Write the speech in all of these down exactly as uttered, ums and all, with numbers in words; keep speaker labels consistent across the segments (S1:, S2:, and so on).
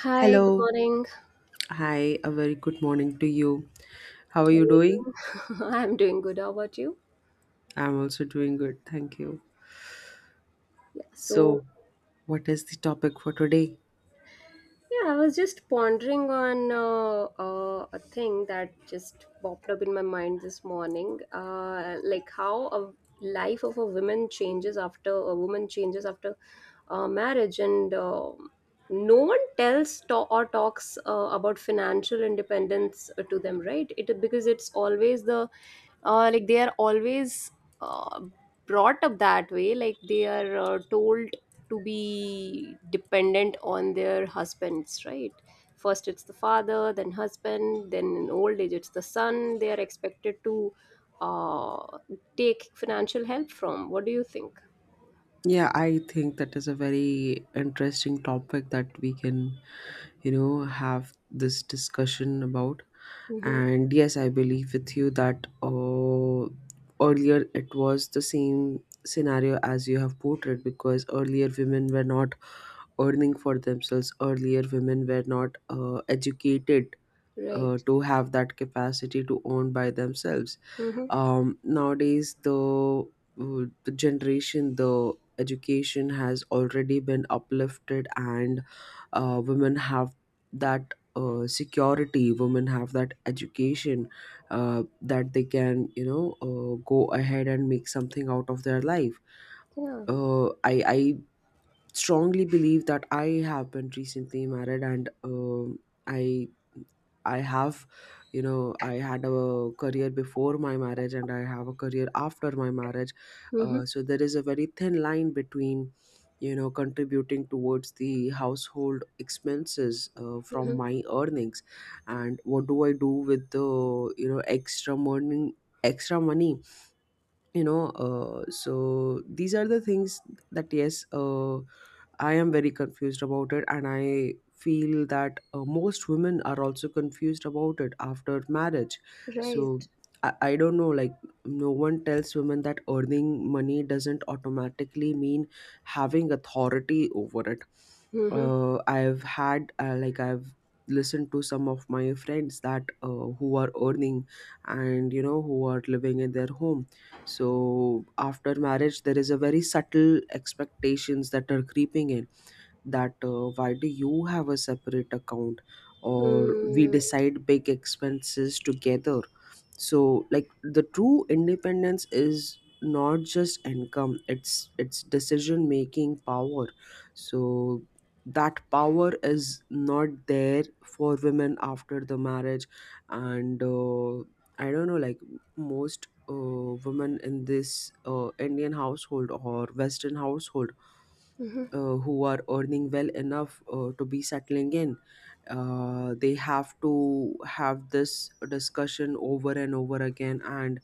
S1: Hi, good
S2: Hello.
S1: morning.
S2: Hi, a very good morning to you. How are
S1: How are
S2: you
S1: you
S2: doing?
S1: doing? I'm doing good. How about you?
S2: I'm also doing good, thank you.
S1: Yeah. So,
S2: So, what is the topic for today?
S1: yeah, I was just pondering on uh, uh, a thing that just popped up in my mind this morning, uh, like how a life of a woman changes after a woman changes after uh, marriage, and uh, no one tells to- or talks uh, about financial independence uh, to them, right? It because it's always the uh, like they are always uh, brought up that way, like they are uh, told to be dependent on their husbands, right? First it's the father, then husband, then in old age it's the son. They are expected to uh, take financial help from. What do you think?
S2: Yeah, I think that is a very interesting topic that we can, you know, have this discussion about.
S1: Mm-hmm.
S2: And yes, I believe with you that uh, earlier it was the same scenario as you have portrayed, because earlier women were not earning for themselves, earlier women were not uh, educated uh,
S1: Right.
S2: to have that capacity to own by themselves.
S1: Mm-hmm.
S2: Um, nowadays the uh, the generation, the education has already been uplifted, and uh, women have that uh, security, women have that education uh, that they can, you know, uh, go ahead and make something out of their life.
S1: Yeah.
S2: Uh, I, I strongly believe that. I have been recently married, and um, I I have, you know, I had a career before my marriage and I have a career after my marriage.
S1: Mm-hmm.
S2: Uh, so there is a very thin line between, you know, contributing towards the household expenses uh, from
S1: Mm-hmm.
S2: my earnings, and what do I do with the, you know, extra money extra money you know. Uh, so these are the things that, yes, uh, I am very confused about it, and I feel that uh, most women are also confused about it after marriage. So
S1: Right.
S2: I, I don't know, like, no one tells women that earning money doesn't automatically mean having authority over it.
S1: Mm-hmm.
S2: Uh, I've had, uh, like, I've listened to some of my friends that uh, who are earning, and, you know, who are living in their home. So after marriage there is a very subtle expectations that are creeping in, that uh, why do you have a separate account, or we
S1: Mm-hmm.
S2: decide big expenses together. So, like, the true independence is not just income, it's it's decision making power. So that power is not there for women after the marriage. And uh, I don't know, like, most uh, women in this uh, Indian household or Western household,
S1: Mm-hmm. Mm-hmm.
S2: uh, who are earning well enough uh, to be settling in, uh, they have to have this discussion over and over again. And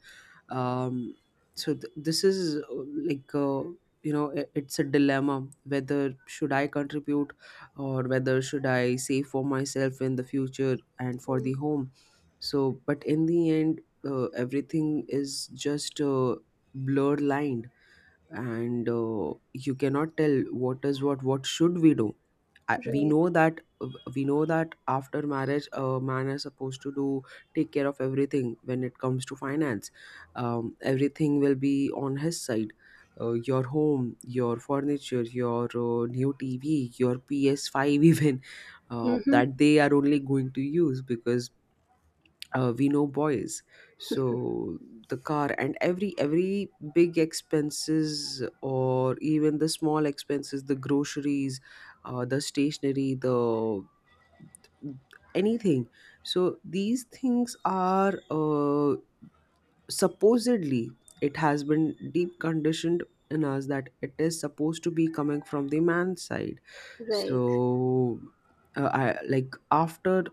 S2: um, so th- this is, uh, like, uh, you know, i- it's a dilemma whether should I contribute, or whether should I save for myself in the future and for the home. So but in the end, uh, everything is just a blurred line, and uh, you cannot tell what is what what should we do. I, we
S1: right
S2: know that we know that after marriage a man is supposed to do, take care of everything when it comes to finance. Um, everything will be on his side, uh, your home, your furniture, your uh, new tv, your P S five even, uh,
S1: mm-hmm.
S2: that they are only going to use, because uh, we know boys. So the car, and every every big expenses, or even the small expenses, the groceries, uh, the stationery, the anything. So these things are, uh, supposedly, it has been deep conditioned in us that it is supposed to be coming from the man's side.
S1: Right.
S2: So uh, I, like, after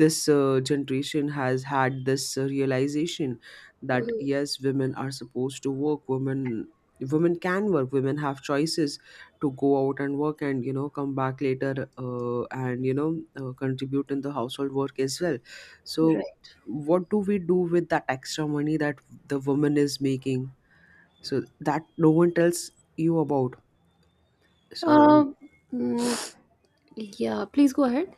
S2: this uh, generation has had this uh, realization that
S1: Mm-hmm.
S2: yes, women are supposed to work, women, women can work, women have choices to go out and work, and, you know, come back later, uh, and, you know, uh, contribute in the household work as well. So
S1: Right.
S2: what do we do with that extra money that the woman is making? So that no one tells you about. So
S1: Um, mm, yeah, please go ahead.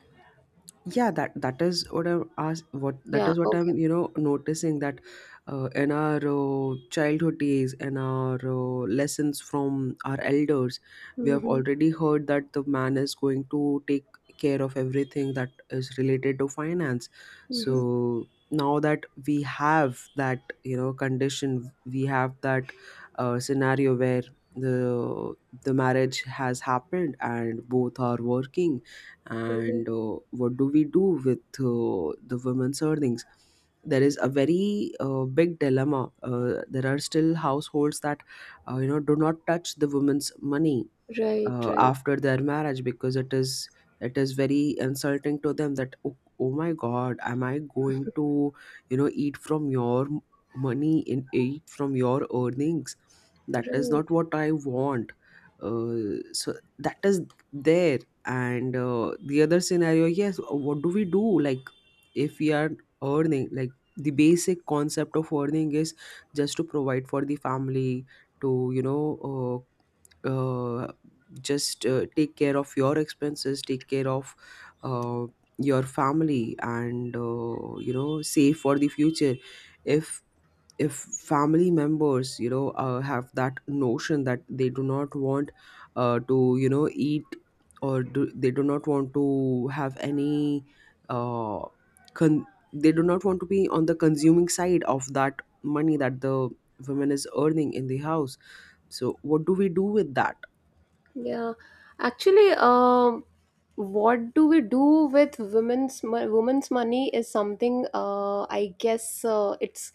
S2: yeah, that that is what I'm ask, what that
S1: Yeah,
S2: is what
S1: okay.
S2: I'm, you know, noticing, that uh, in our uh, childhood days and our uh, lessons from our elders, we have
S1: Mm-hmm,
S2: already heard that the man is going to take care of everything that is related to finance.
S1: mm-hmm,
S2: So now that we have that, you know, condition, we have that uh, scenario where the the marriage has happened and both are working,
S1: mm-hmm.
S2: and uh, what do we do with uh, the women's earnings? There is a very uh, big dilemma. Uh, there are still households that, uh, you know, do not touch the women's money
S1: Right,
S2: uh,
S1: right,
S2: after their marriage, because it is it is very insulting to them that, oh, oh my god, am I going to, you know, eat from your m- money and eat from your earnings? That is
S1: right.
S2: not what I want. Uh, so that is there. And uh, the other scenario, yes, what do we do? Like, if we are earning, like, the basic concept of earning is just to provide for the family, to, you know, uh, uh, just uh, take care of your expenses, take care of uh, your family, and, uh, you know, save for the future. if if family members, you know, uh, have that notion that they do not want uh, to, you know, eat, or do, they do not want to have any uh, con- they do not want to be on the consuming side of that money that the woman is earning in the house, so what do we do with that?
S1: Yeah. Actually, um, what do we do with women's mo- women's money is something uh, I guess uh, it's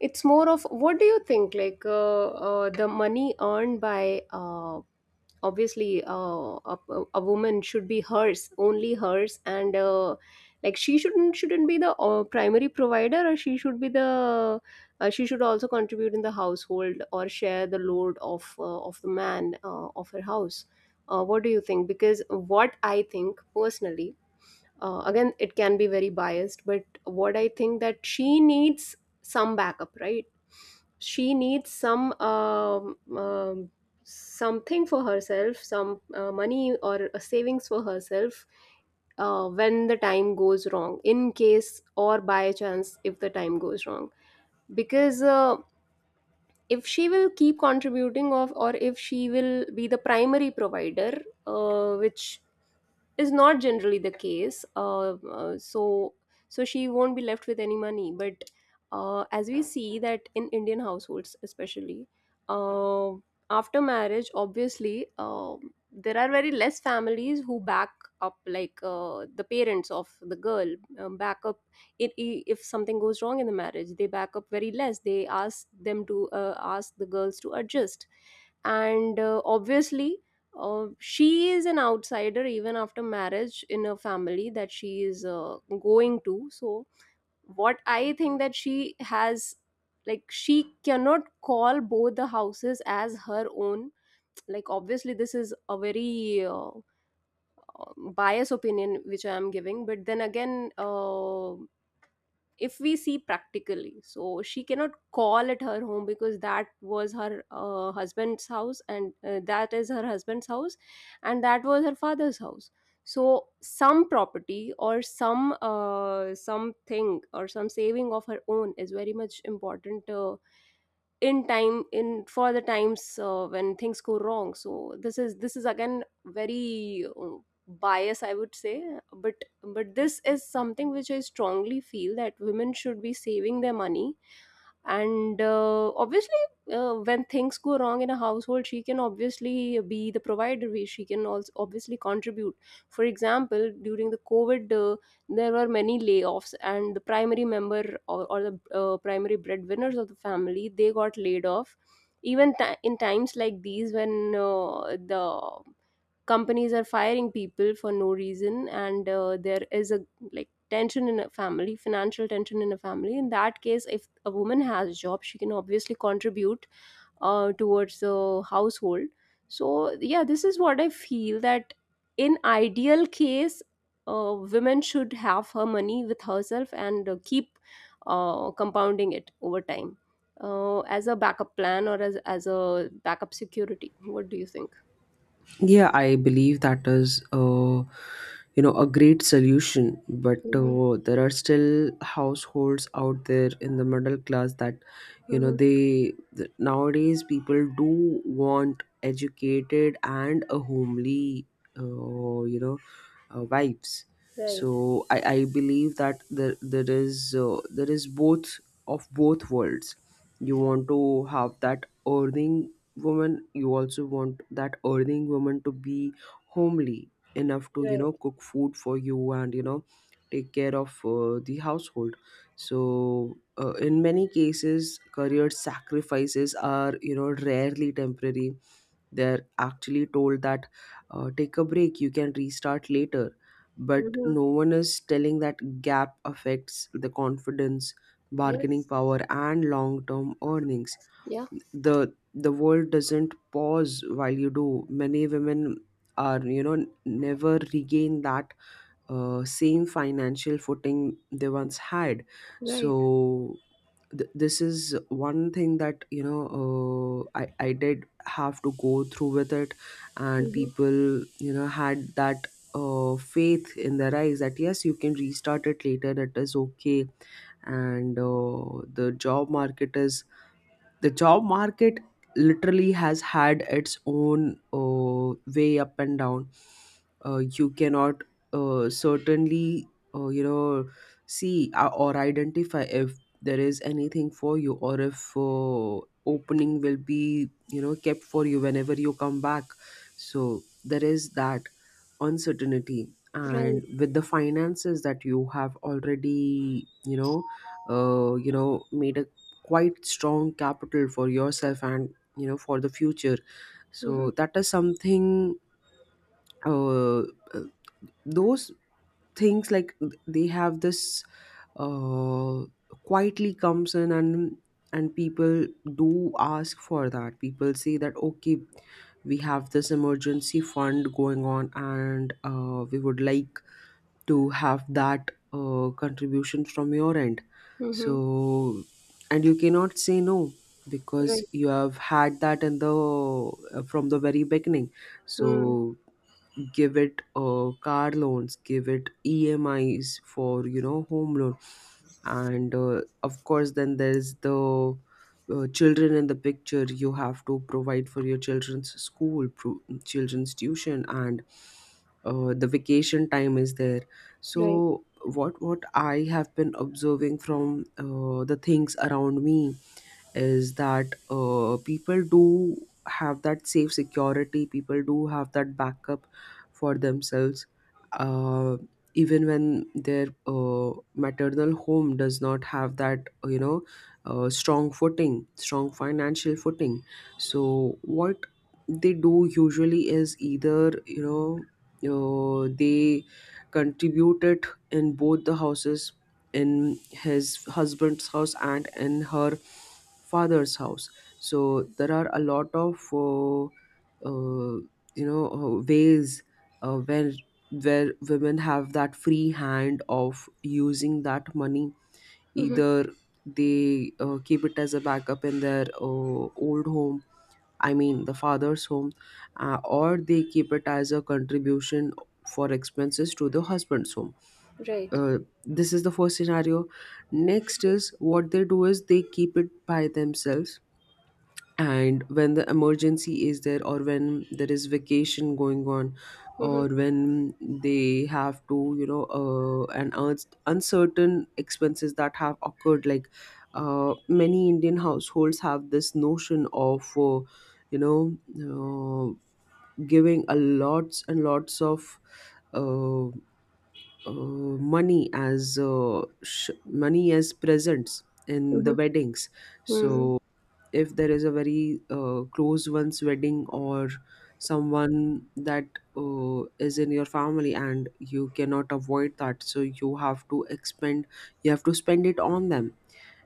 S1: it's more of, what do you think? Like uh, uh, the money earned by, uh, obviously uh, a, a woman should be hers, only hers. And uh, like she shouldn't shouldn't be the uh, primary provider, or she should be the, uh, she should also contribute in the household or share the load of, uh, of the man, uh, of her house. Uh, what do you think? Because what I think personally, uh, again, it can be very biased, but what I think, that she needs some backup, right? She needs some um, um, something for herself, some uh, money or a savings for herself, uh, when the time goes wrong, in case or by chance if the time goes wrong. Because uh, if she will keep contributing of, or if she will be the primary provider, uh, which is not generally the case. Uh, uh, so so she won't be left with any money. But uh, as we see that in Indian households, especially uh, after marriage, obviously, um, there are very less families who back up, like uh, the parents of the girl, um, back up it, i- if something goes wrong in the marriage they back up very less. They ask them to, uh, ask the girls to adjust. And uh, obviously, uh, she is an outsider even after marriage in a family that she is uh, going to. So, what I think that she has, like, she cannot call both the houses as her own. Like, obviously, this is a very uh, um, biased opinion which I am giving, but then again, uh, if we see practically, so she cannot call at her home because that was her uh, husband's house, and uh, that is her husband's house, and that was her father's house. So some property or some uh, something, or some saving of her own, is very much important, uh, in time in for the times uh, when things go wrong. So this is this is again very uh, bias, I would say, but but this is something which I strongly feel, that women should be saving their money. And uh, obviously, uh, when things go wrong in a household, she can obviously be the provider, where she can also obviously contribute. For example, during the COVID, uh, there were many layoffs, and the primary member, or, or the uh, primary breadwinners of the family, they got laid off. Even ti in times like these when uh, the companies are firing people for no reason, and uh, there is a like tension in a family, financial tension in a family, in that case if a woman has a job, she can obviously contribute uh, towards the household. So yeah, this is what I feel, that in ideal case, uh, women should have her money with herself and uh, keep uh, compounding it over time, uh, as a backup plan, or as, as a backup security. What do you think?
S2: Yeah, I believe that is, uh, you know, a great solution. But
S1: Mm-hmm.
S2: uh, there are still households out there in the middle class that, you know,
S1: Mm-hmm.
S2: they th- nowadays people do want educated and a homely, uh, you know, uh, wives.
S1: Right.
S2: So I, I believe that there there is, uh, there is both of both worlds. You want to have that earning woman, you also want that earning woman to be homely enough to, you
S1: Right.
S2: know, cook food for you, and, you know, take care of uh, the household. So uh, in many cases career sacrifices are, you know, rarely temporary. They're actually told that, uh, take a break, you can restart later. But
S1: Mm-hmm.
S2: no one is telling that gap affects the confidence, bargaining
S1: Yes.
S2: power and long term earnings.
S1: Yeah.
S2: The the world doesn't pause while you do. Many women are, you know, never regain that uh, same financial footing they once had.
S1: Right.
S2: So th- this is one thing that, you know, uh, I, I did have to go through with it. And
S1: Mm-hmm.
S2: people, you know, had that uh, faith in their eyes that yes, you can restart it later, it is okay. And uh, the job market is, the job market literally has had its own uh, way up and down. Uh, you cannot uh, certainly uh, you know, see uh, or identify if there is anything for you, or if uh, opening will be, you know, kept for you whenever you come back. So there is that uncertainty,
S1: Right.
S2: and with the finances that you have already, you know, uh, you know, made a quite strong capital for yourself, and, you know, for the future.
S1: Mm-hmm.
S2: So that is something, uh, uh, those things, like th- they have this uh, quietly comes in. and and people do ask for that, people say that, okay, we have this emergency fund going on, and uh, we would like to have that uh, contribution from your end. So,
S1: Mm-hmm.
S2: and you cannot say no, because
S1: Right.
S2: you have had that in the uh, from the very beginning.
S1: Mm.
S2: So give it uh, car loans, give it emis for, you know, home loan. And uh, of course then there's the uh, children in the picture, you have to provide for your children's school pro- children's tuition, and uh, the vacation time is there.
S1: Right.
S2: So what what I have been observing from uh, the things around me is that uh, people do have that safe security, people do have that backup for themselves, uh, even when their uh, maternal home does not have that, you know, uh, strong footing strong financial footing. So what they do usually is, either, you know, uh, they contribute it in both the houses, in his husband's house and in her father's house. So there are a lot of uh, uh, you know, uh, ways uh, where where women have that free hand of using that money.
S1: Mm-hmm.
S2: Either they uh, keep it as a backup in their uh, old home, I mean the father's home, uh, or they keep it as a contribution for expenses to the husband's home.
S1: Right.
S2: uh, this is the first scenario. Next is what they do is they keep it by themselves. And when the emergency is there, or when there is vacation going on,
S1: Mm-hmm.
S2: or when they have to, you know, uh, an uns- uncertain expenses that have occurred. Like, uh, many Indian households have this notion of, uh, you know, uh, giving a lots and lots of uh, uh, money as uh, sh- money as presents in the
S1: Mm-hmm.
S2: weddings.
S1: Mm.
S2: So if there is a very uh, close one's wedding, or someone that uh, is in your family and you cannot avoid that, so you have to expend, you have to spend it on them.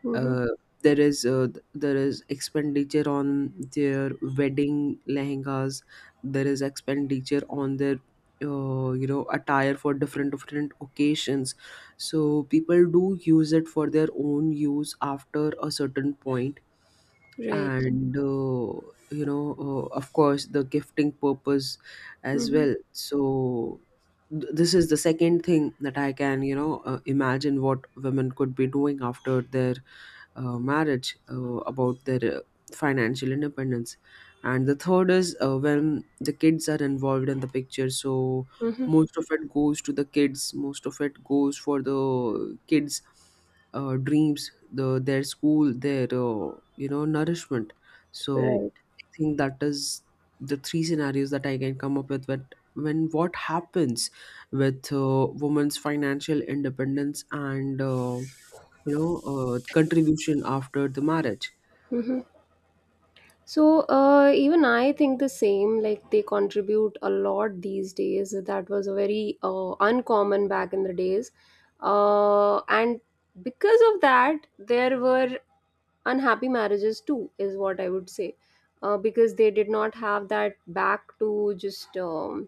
S1: Mm-hmm.
S2: uh, there is uh, th- there is expenditure on their wedding lehengas, there is expenditure on their uh, you know, attire for different different occasions, so people do use it for their own use after a certain point,
S1: Right.
S2: and uh, you know uh, of course, the gifting purpose as
S1: Mm-hmm.
S2: well. So th- this is the second thing that I can you know uh, imagine what women could be doing after their uh, marriage, uh, about their uh, financial independence. And the third is uh, when the kids are involved in the picture, so
S1: Mm-hmm.
S2: most of it goes to the kids, most of it goes for the kids' uh, dreams, the their school, their uh, you know nourishment. So
S1: Right.
S2: I think that is the three scenarios that I can come up with, when, when what happens with uh, women's financial independence and uh, you know uh, contribution after the marriage.
S1: Mm-hmm. So uh, even I think the same. Like they contribute a lot these days. That was a very uh, uncommon back in the days, uh, and because of that, there were unhappy marriages too, is what I would say. Uh, because they did not have that back to just, um,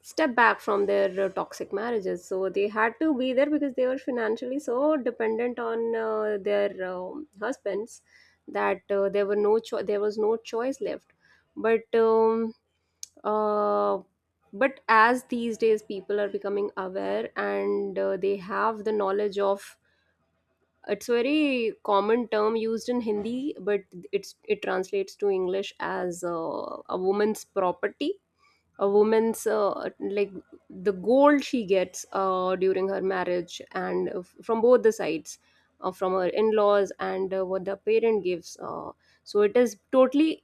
S1: step back from their uh, toxic marriages, so they had to be there, because they were financially so dependent on uh, their, um, husbands, that uh, there were no cho- there was no choice left. But um, uh, but as these days people are becoming aware, and uh, they have the knowledge of, it's a very common term used in Hindi, but it's, it translates to English as uh, a woman's property, a woman's, uh, like the gold she gets uh, during her marriage, and uh, from both the sides, uh, from her in-laws and uh, what the parent gives. Uh, so it is totally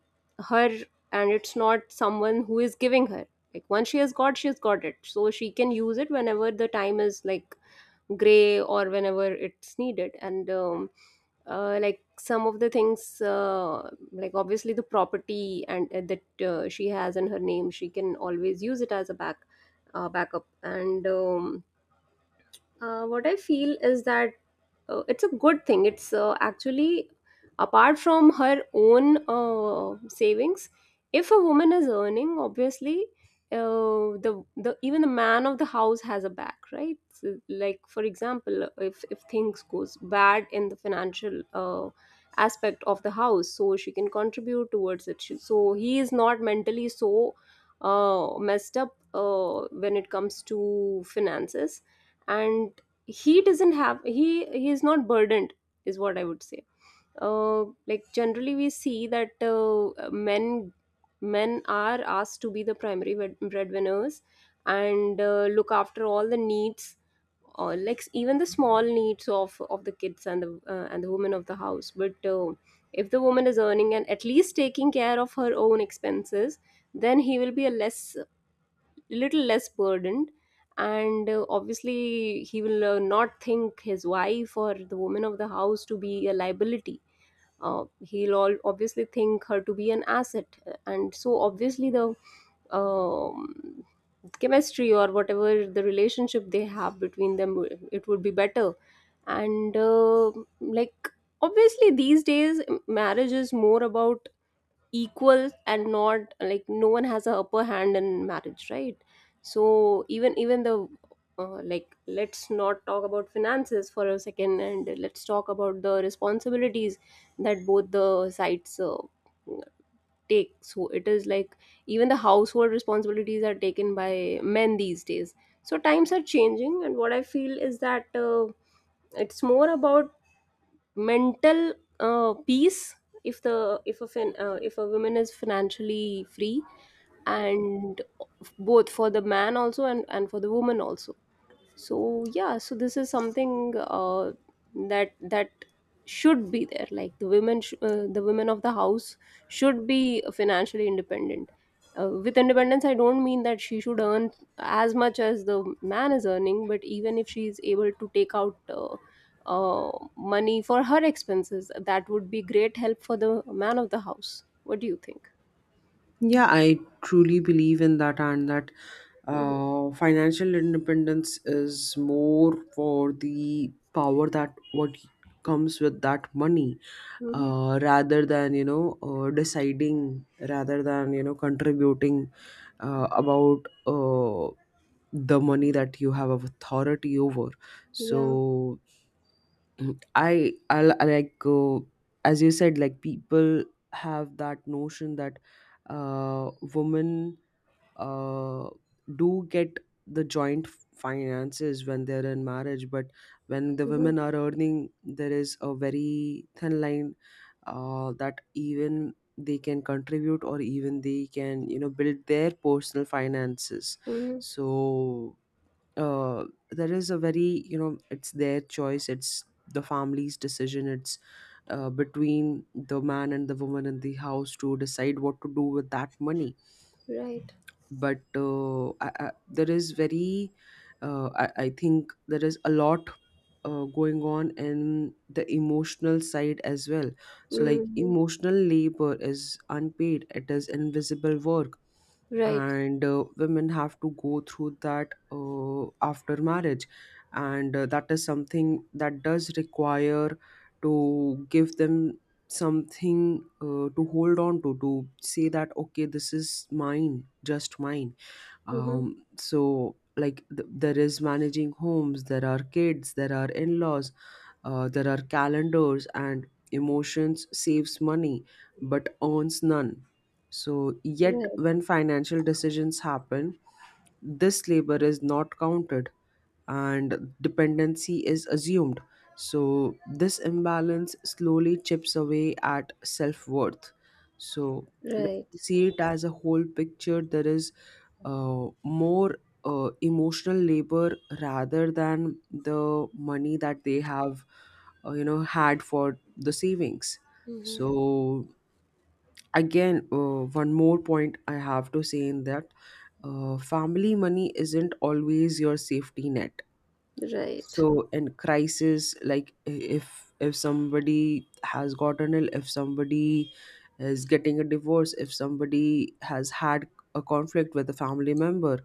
S1: her, and it's not someone who is giving her. Like once she has got, she has got it. So she can use it whenever the time is like gray, or whenever it's needed. And um, uh, like some of the things, uh, like obviously the property and uh, that uh, she has in her name, she can always use it as a back, uh, backup. And um, uh, what I feel is that uh, it's a good thing, it's uh, actually, apart from her own uh, savings, if a woman is earning, obviously, uh, the the even the man of the house has a back, right? So, like for example, if if things goes bad in the financial uh, aspect of the house, so she can contribute towards it. She- so he is not mentally so uh, messed up uh, when it comes to finances. And he doesn't have, he he is not burdened, is what I would say. uh like generally we see that uh, men, men are asked to be the primary bread- breadwinners, and uh, look after all the needs, or like even the small needs of of the kids and the, uh, and the woman of the house. But uh, if the woman is earning and at least taking care of her own expenses, then he will be a less, little less burdened. And uh, obviously he will uh, not think his wife or the woman of the house to be a liability. Uh, he'll all obviously think her to be an asset. And so obviously the, um, chemistry, or whatever the relationship they have between them, it would be better. And uh, like obviously these days marriage is more about equal, and not like no one has a upper hand in marriage, right? So even even the, uh, like let's not talk about finances for a second, and let's talk about the responsibilities that both the sides uh, take. So it is like even the household responsibilities are taken by men these days. So times are changing, and what I feel is that uh, it's more about mental uh, peace, if the, if a fin- uh, if a woman is financially free, and both for the man also and and for the woman also. So yeah, so this is something uh, that that should be there. Like the women sh- uh, the women of the house should be financially independent. Uh, with independence, I don't mean that she should earn as much as the man is earning, but even if she is able to take out uh, uh, money for her expenses, that would be great help for the man of the house. What do you think?
S2: Yeah, I truly believe in that, and that
S1: Mm-hmm.
S2: uh, financial independence is more for the power that what comes with that money,
S1: Mm-hmm.
S2: uh, rather than you know uh, deciding, rather than you know contributing uh, about uh, the money that you have authority over.
S1: Yeah.
S2: So I, I like, uh, as you said, like people have that notion that uh, women uh, do get the joint finances when they're in marriage, but when the
S1: Mm-hmm.
S2: women are earning, there is a very thin line uh, that even they can contribute or even they can you know build their personal finances.
S1: Mm-hmm.
S2: So uh, there is a very you know it's their choice, it's the family's decision, it's uh, between the man and the woman in the house to decide what to do with that money.
S1: Right.
S2: But uh, I, I, there is very uh, I, I think there is a lot uh, going on in the emotional side as well. So, like,
S1: Mm-hmm.
S2: emotional labor is unpaid, it is invisible work.
S1: Right.
S2: And uh, women have to go through that uh, after marriage, and uh, that is something that does require to give them something uh, to hold on to to say that okay, this is mine, just mine.
S1: Mm-hmm.
S2: Um so, like, th- there is managing homes, there are kids, there are in-laws, uh, there are calendars, and emotions saves money but earns none. So yet
S1: Right.
S2: when financial decisions happen, this labor is not counted and dependency is assumed. So, this imbalance slowly chips away at self worth. So, when
S1: Right.
S2: you see it as a whole picture, there is uh, more uh, emotional labor rather than the money that they have, uh, you know, had for the savings.
S1: Mm-hmm.
S2: So, again, uh, one more point I have to say in that: uh, family money isn't always your safety net.
S1: Right.
S2: So in crisis, like i- if if somebody has gotten ill, if somebody is getting a divorce, if somebody has had a conflict with a family member,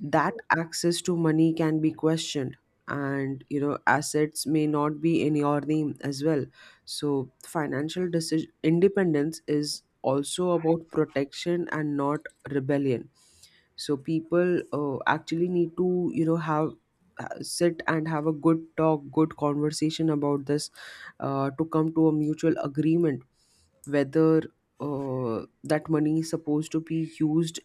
S2: that access to money can be questioned, and you know assets may not be in your name as well. So financial decision independence is also about protection and not rebellion. So people uh, actually need to you know have ha- sit and have a good talk, good conversation about this, uh, to come to a mutual agreement whether uh, that money is supposed to be used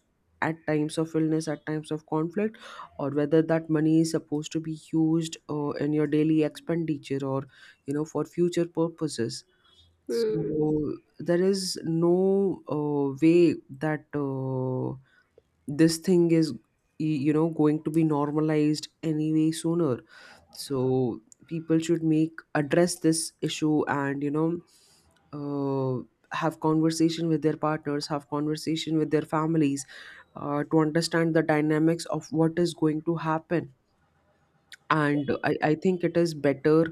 S2: at times of illness, at times of conflict, or whether that money is supposed to be used uh, in your daily expenditure or you know for future purposes.
S1: Hmm.
S2: So there is no uh, way that uh, this thing is y- you know going to be normalized anyway sooner. So people should make address this issue, and you know uh, have conversation with their partners, have conversation with their families, uh, to understand the dynamics of what is going to happen. And I, I think it is better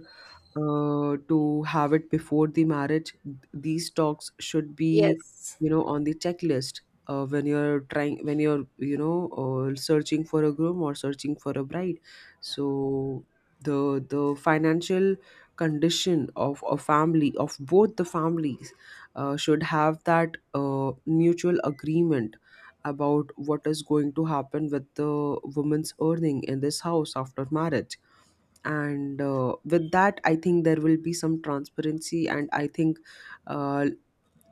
S2: uh, to have it before the marriage. These talks should be
S1: Yes.
S2: you know on the checklist uh, when you're trying, when you're you know uh, searching for a groom or searching for a bride. So the the financial condition of a family, of both the families, uh, should have that uh, mutual agreement about what is going to happen with the woman's earning in this house after marriage. And uh, with that, I think there will be some transparency, and I think uh,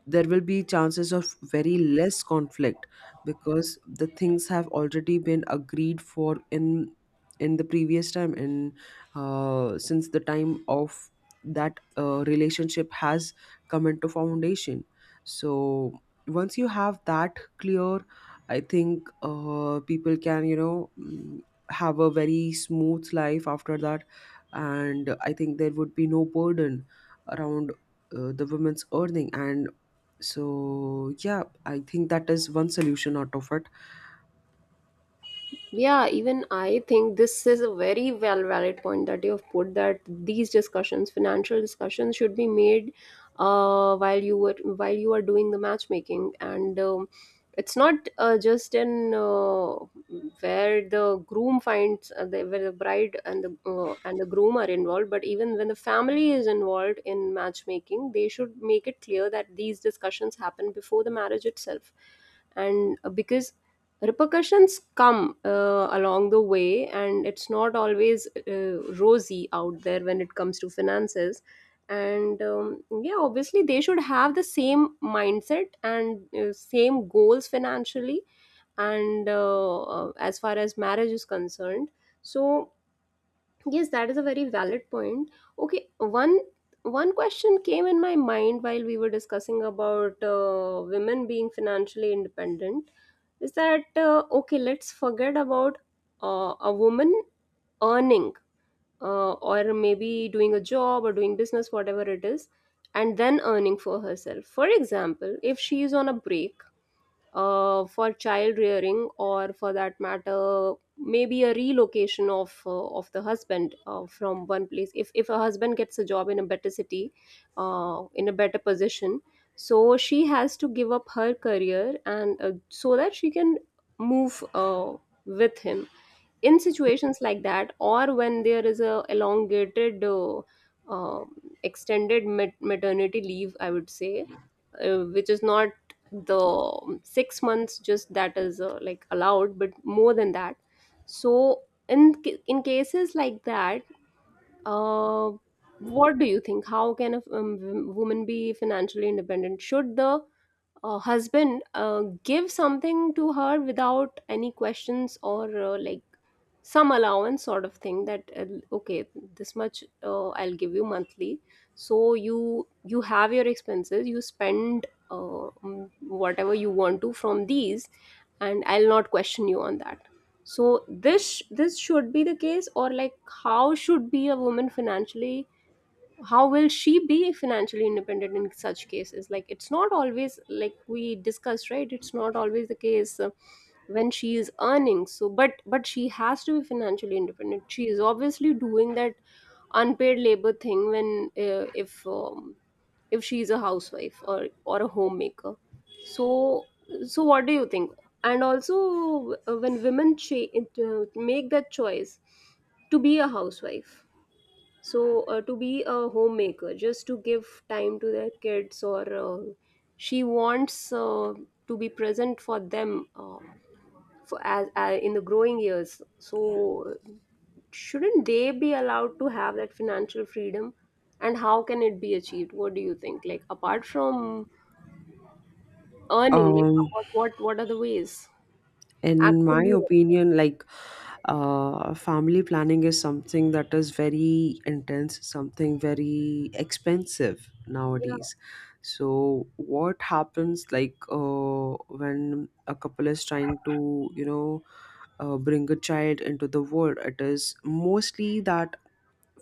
S2: there will be chances of very less conflict, because the things have already been agreed for in in the previous time, and uh, since the time of that uh, relationship has come into foundation. So once you have that clear, I think uh, people can you know mm, have a very smooth life after that. And I think there would be no burden around uh, the women's earning. And so yeah, I think that is one solution out of it.
S1: Yeah, even I think this is a very well valid point that you have put, that these discussions, financial discussions, should be made uh, while you were while you are doing the matchmaking. And, um, it's not uh, just in uh, where the groom finds uh, the, where the bride and the, uh, and the groom are involved, but even when the family is involved in matchmaking, they should make it clear that these discussions happen before the marriage itself. And uh, because repercussions come uh, along the way, and it's not always uh, rosy out there when it comes to finances. And, um, yeah, obviously they should have the same mindset and uh, same goals financially, and uh, uh, as far as marriage is concerned. So, yes, that is a very valid point. Okay, one one question came in my mind while we were discussing about uh, women being financially independent, is that uh, okay, let's forget about uh, a woman earning uh, or maybe doing a job or doing business, whatever it is, and then earning for herself. For example, if she is on a break uh, for child rearing, or for that matter maybe a relocation of uh, of the husband uh, from one place, if if a husband gets a job in a better city, uh, in a better position, so she has to give up her career, and uh, so that she can move uh, with him. In situations like that, or when there is a elongated uh, uh, extended mat- maternity leave, I would say, uh, which is not the, um, six months just that is uh, like allowed, but more than that. So in ca- in cases like that, uh, what do you think, how can a, um, w- woman be financially independent? Should the uh, husband uh, give something to her without any questions, or uh, like some allowance sort of thing, that uh, okay, this much uh, I'll give you monthly, so you you have your expenses, you spend uh, mm, whatever you want to from these, and I'll not question you on that. So this this should be the case, or like how should be a woman financially, how will she be financially independent in such cases? Like it's not always, like we discussed, right, it's not always the case uh, when she is earning. So but but she has to be financially independent. She is obviously doing that unpaid labor thing, when uh, if um, if she is a housewife or or a homemaker. so so what do you think? And also uh, when women cha- it, uh, make that choice to be a housewife, so, uh, to be a homemaker, just to give time to their kids, or uh, she wants uh, to be present for them uh, for as uh, in the growing years. So, shouldn't they be allowed to have that financial freedom? And how can it be achieved? What do you think? Like apart from earning, like
S2: um
S1: what what what are the ways
S2: in my
S1: actively earn?
S2: opinion, like, uh family planning is something that is very intense, something very expensive
S1: Yeah.
S2: nowadays. So what happens, like, uh when a couple is trying to you know uh, bring a child into the world, it is mostly that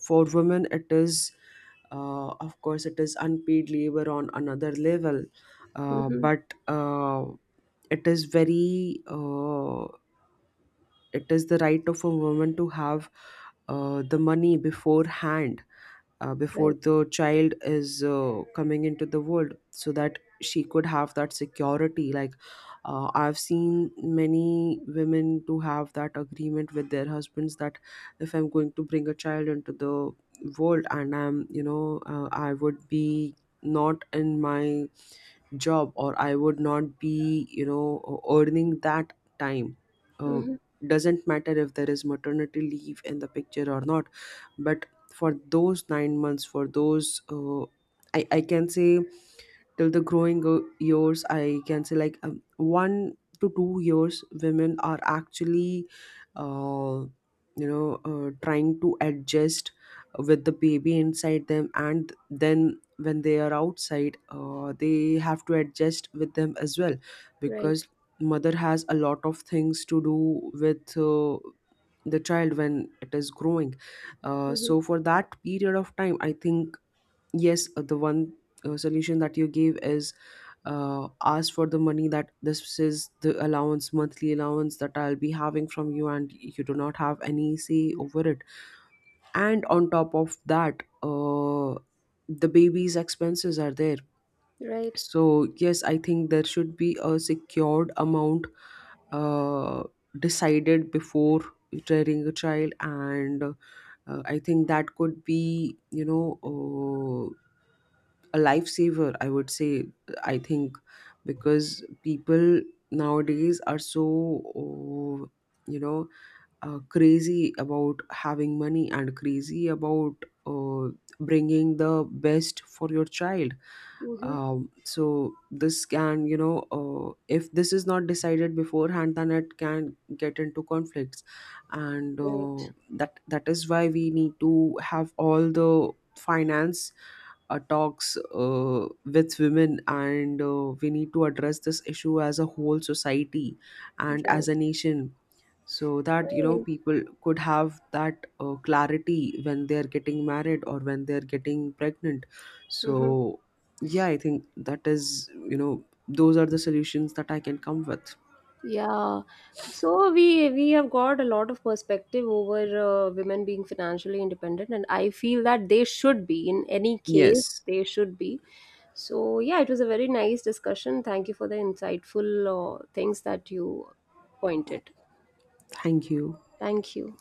S2: for women it is uh, of course it is unpaid labor on another level. Uh,
S1: Mm-hmm.
S2: but uh, It is very uh, it is the right of a woman to have uh, the money beforehand, uh, before
S1: Right.
S2: the child is uh, coming into the world, so that she could have that security. Like uh, I've seen many women to have that agreement with their husbands that if I'm going to bring a child into the world and I'm you know uh, I would be not in my job, or I would not be you know e-, earning that time. uh,
S1: Mm-hmm.
S2: doesn't matter if there is maternity leave in the picture or not, but for those nine months, for those uh, I, I can say till the growing o- years, I can say, like, um, one to two years, women are actually uh, you know uh, trying to adjust with the baby inside them, and then when they are outside, uh, they have to adjust with them as well,
S1: Right.
S2: because mother has a lot of things to do with uh, the child when it is growing. Uh,
S1: Mm-hmm.
S2: so for that period of time, I think yes, uh, the one uh, solution that you gave is uh, ask for the money, that this is the allowance, monthly allowance that I'll be having from you, and you do not have any say over it. And on top of that, uh, the baby's expenses are there.
S1: Right.
S2: So yes, I think there should be a secured amount uh, decided before rearing a child. And uh, I think that could be you know uh, a lifesaver, I would say. I think, because people nowadays are so, oh, you know uh, crazy about having money and crazy about uh, bringing the best for your child.
S1: Mm-hmm.
S2: Um, so this can, you know uh, if this is not decided beforehand, then it can get into conflicts. And uh,
S1: Right.
S2: that, that is why we need to have all the finance uh, talks uh, with women, and uh, we need to address this issue as a whole society and as
S1: Right.
S2: a nation, so that you know
S1: Right.
S2: people could have that uh, clarity when they're getting married or when they're getting pregnant.
S1: Mm-hmm.
S2: So yeah, I think that is you know those are the solutions that I can come with.
S1: Yeah. So we we have got a lot of perspective over uh, women being financially independent, and I feel that they should be. In any case,
S2: Yes,
S1: they should be. So yeah, it was a very nice discussion. Thank you for the insightful uh, things that you pointed.
S2: thank you.
S1: Thank you.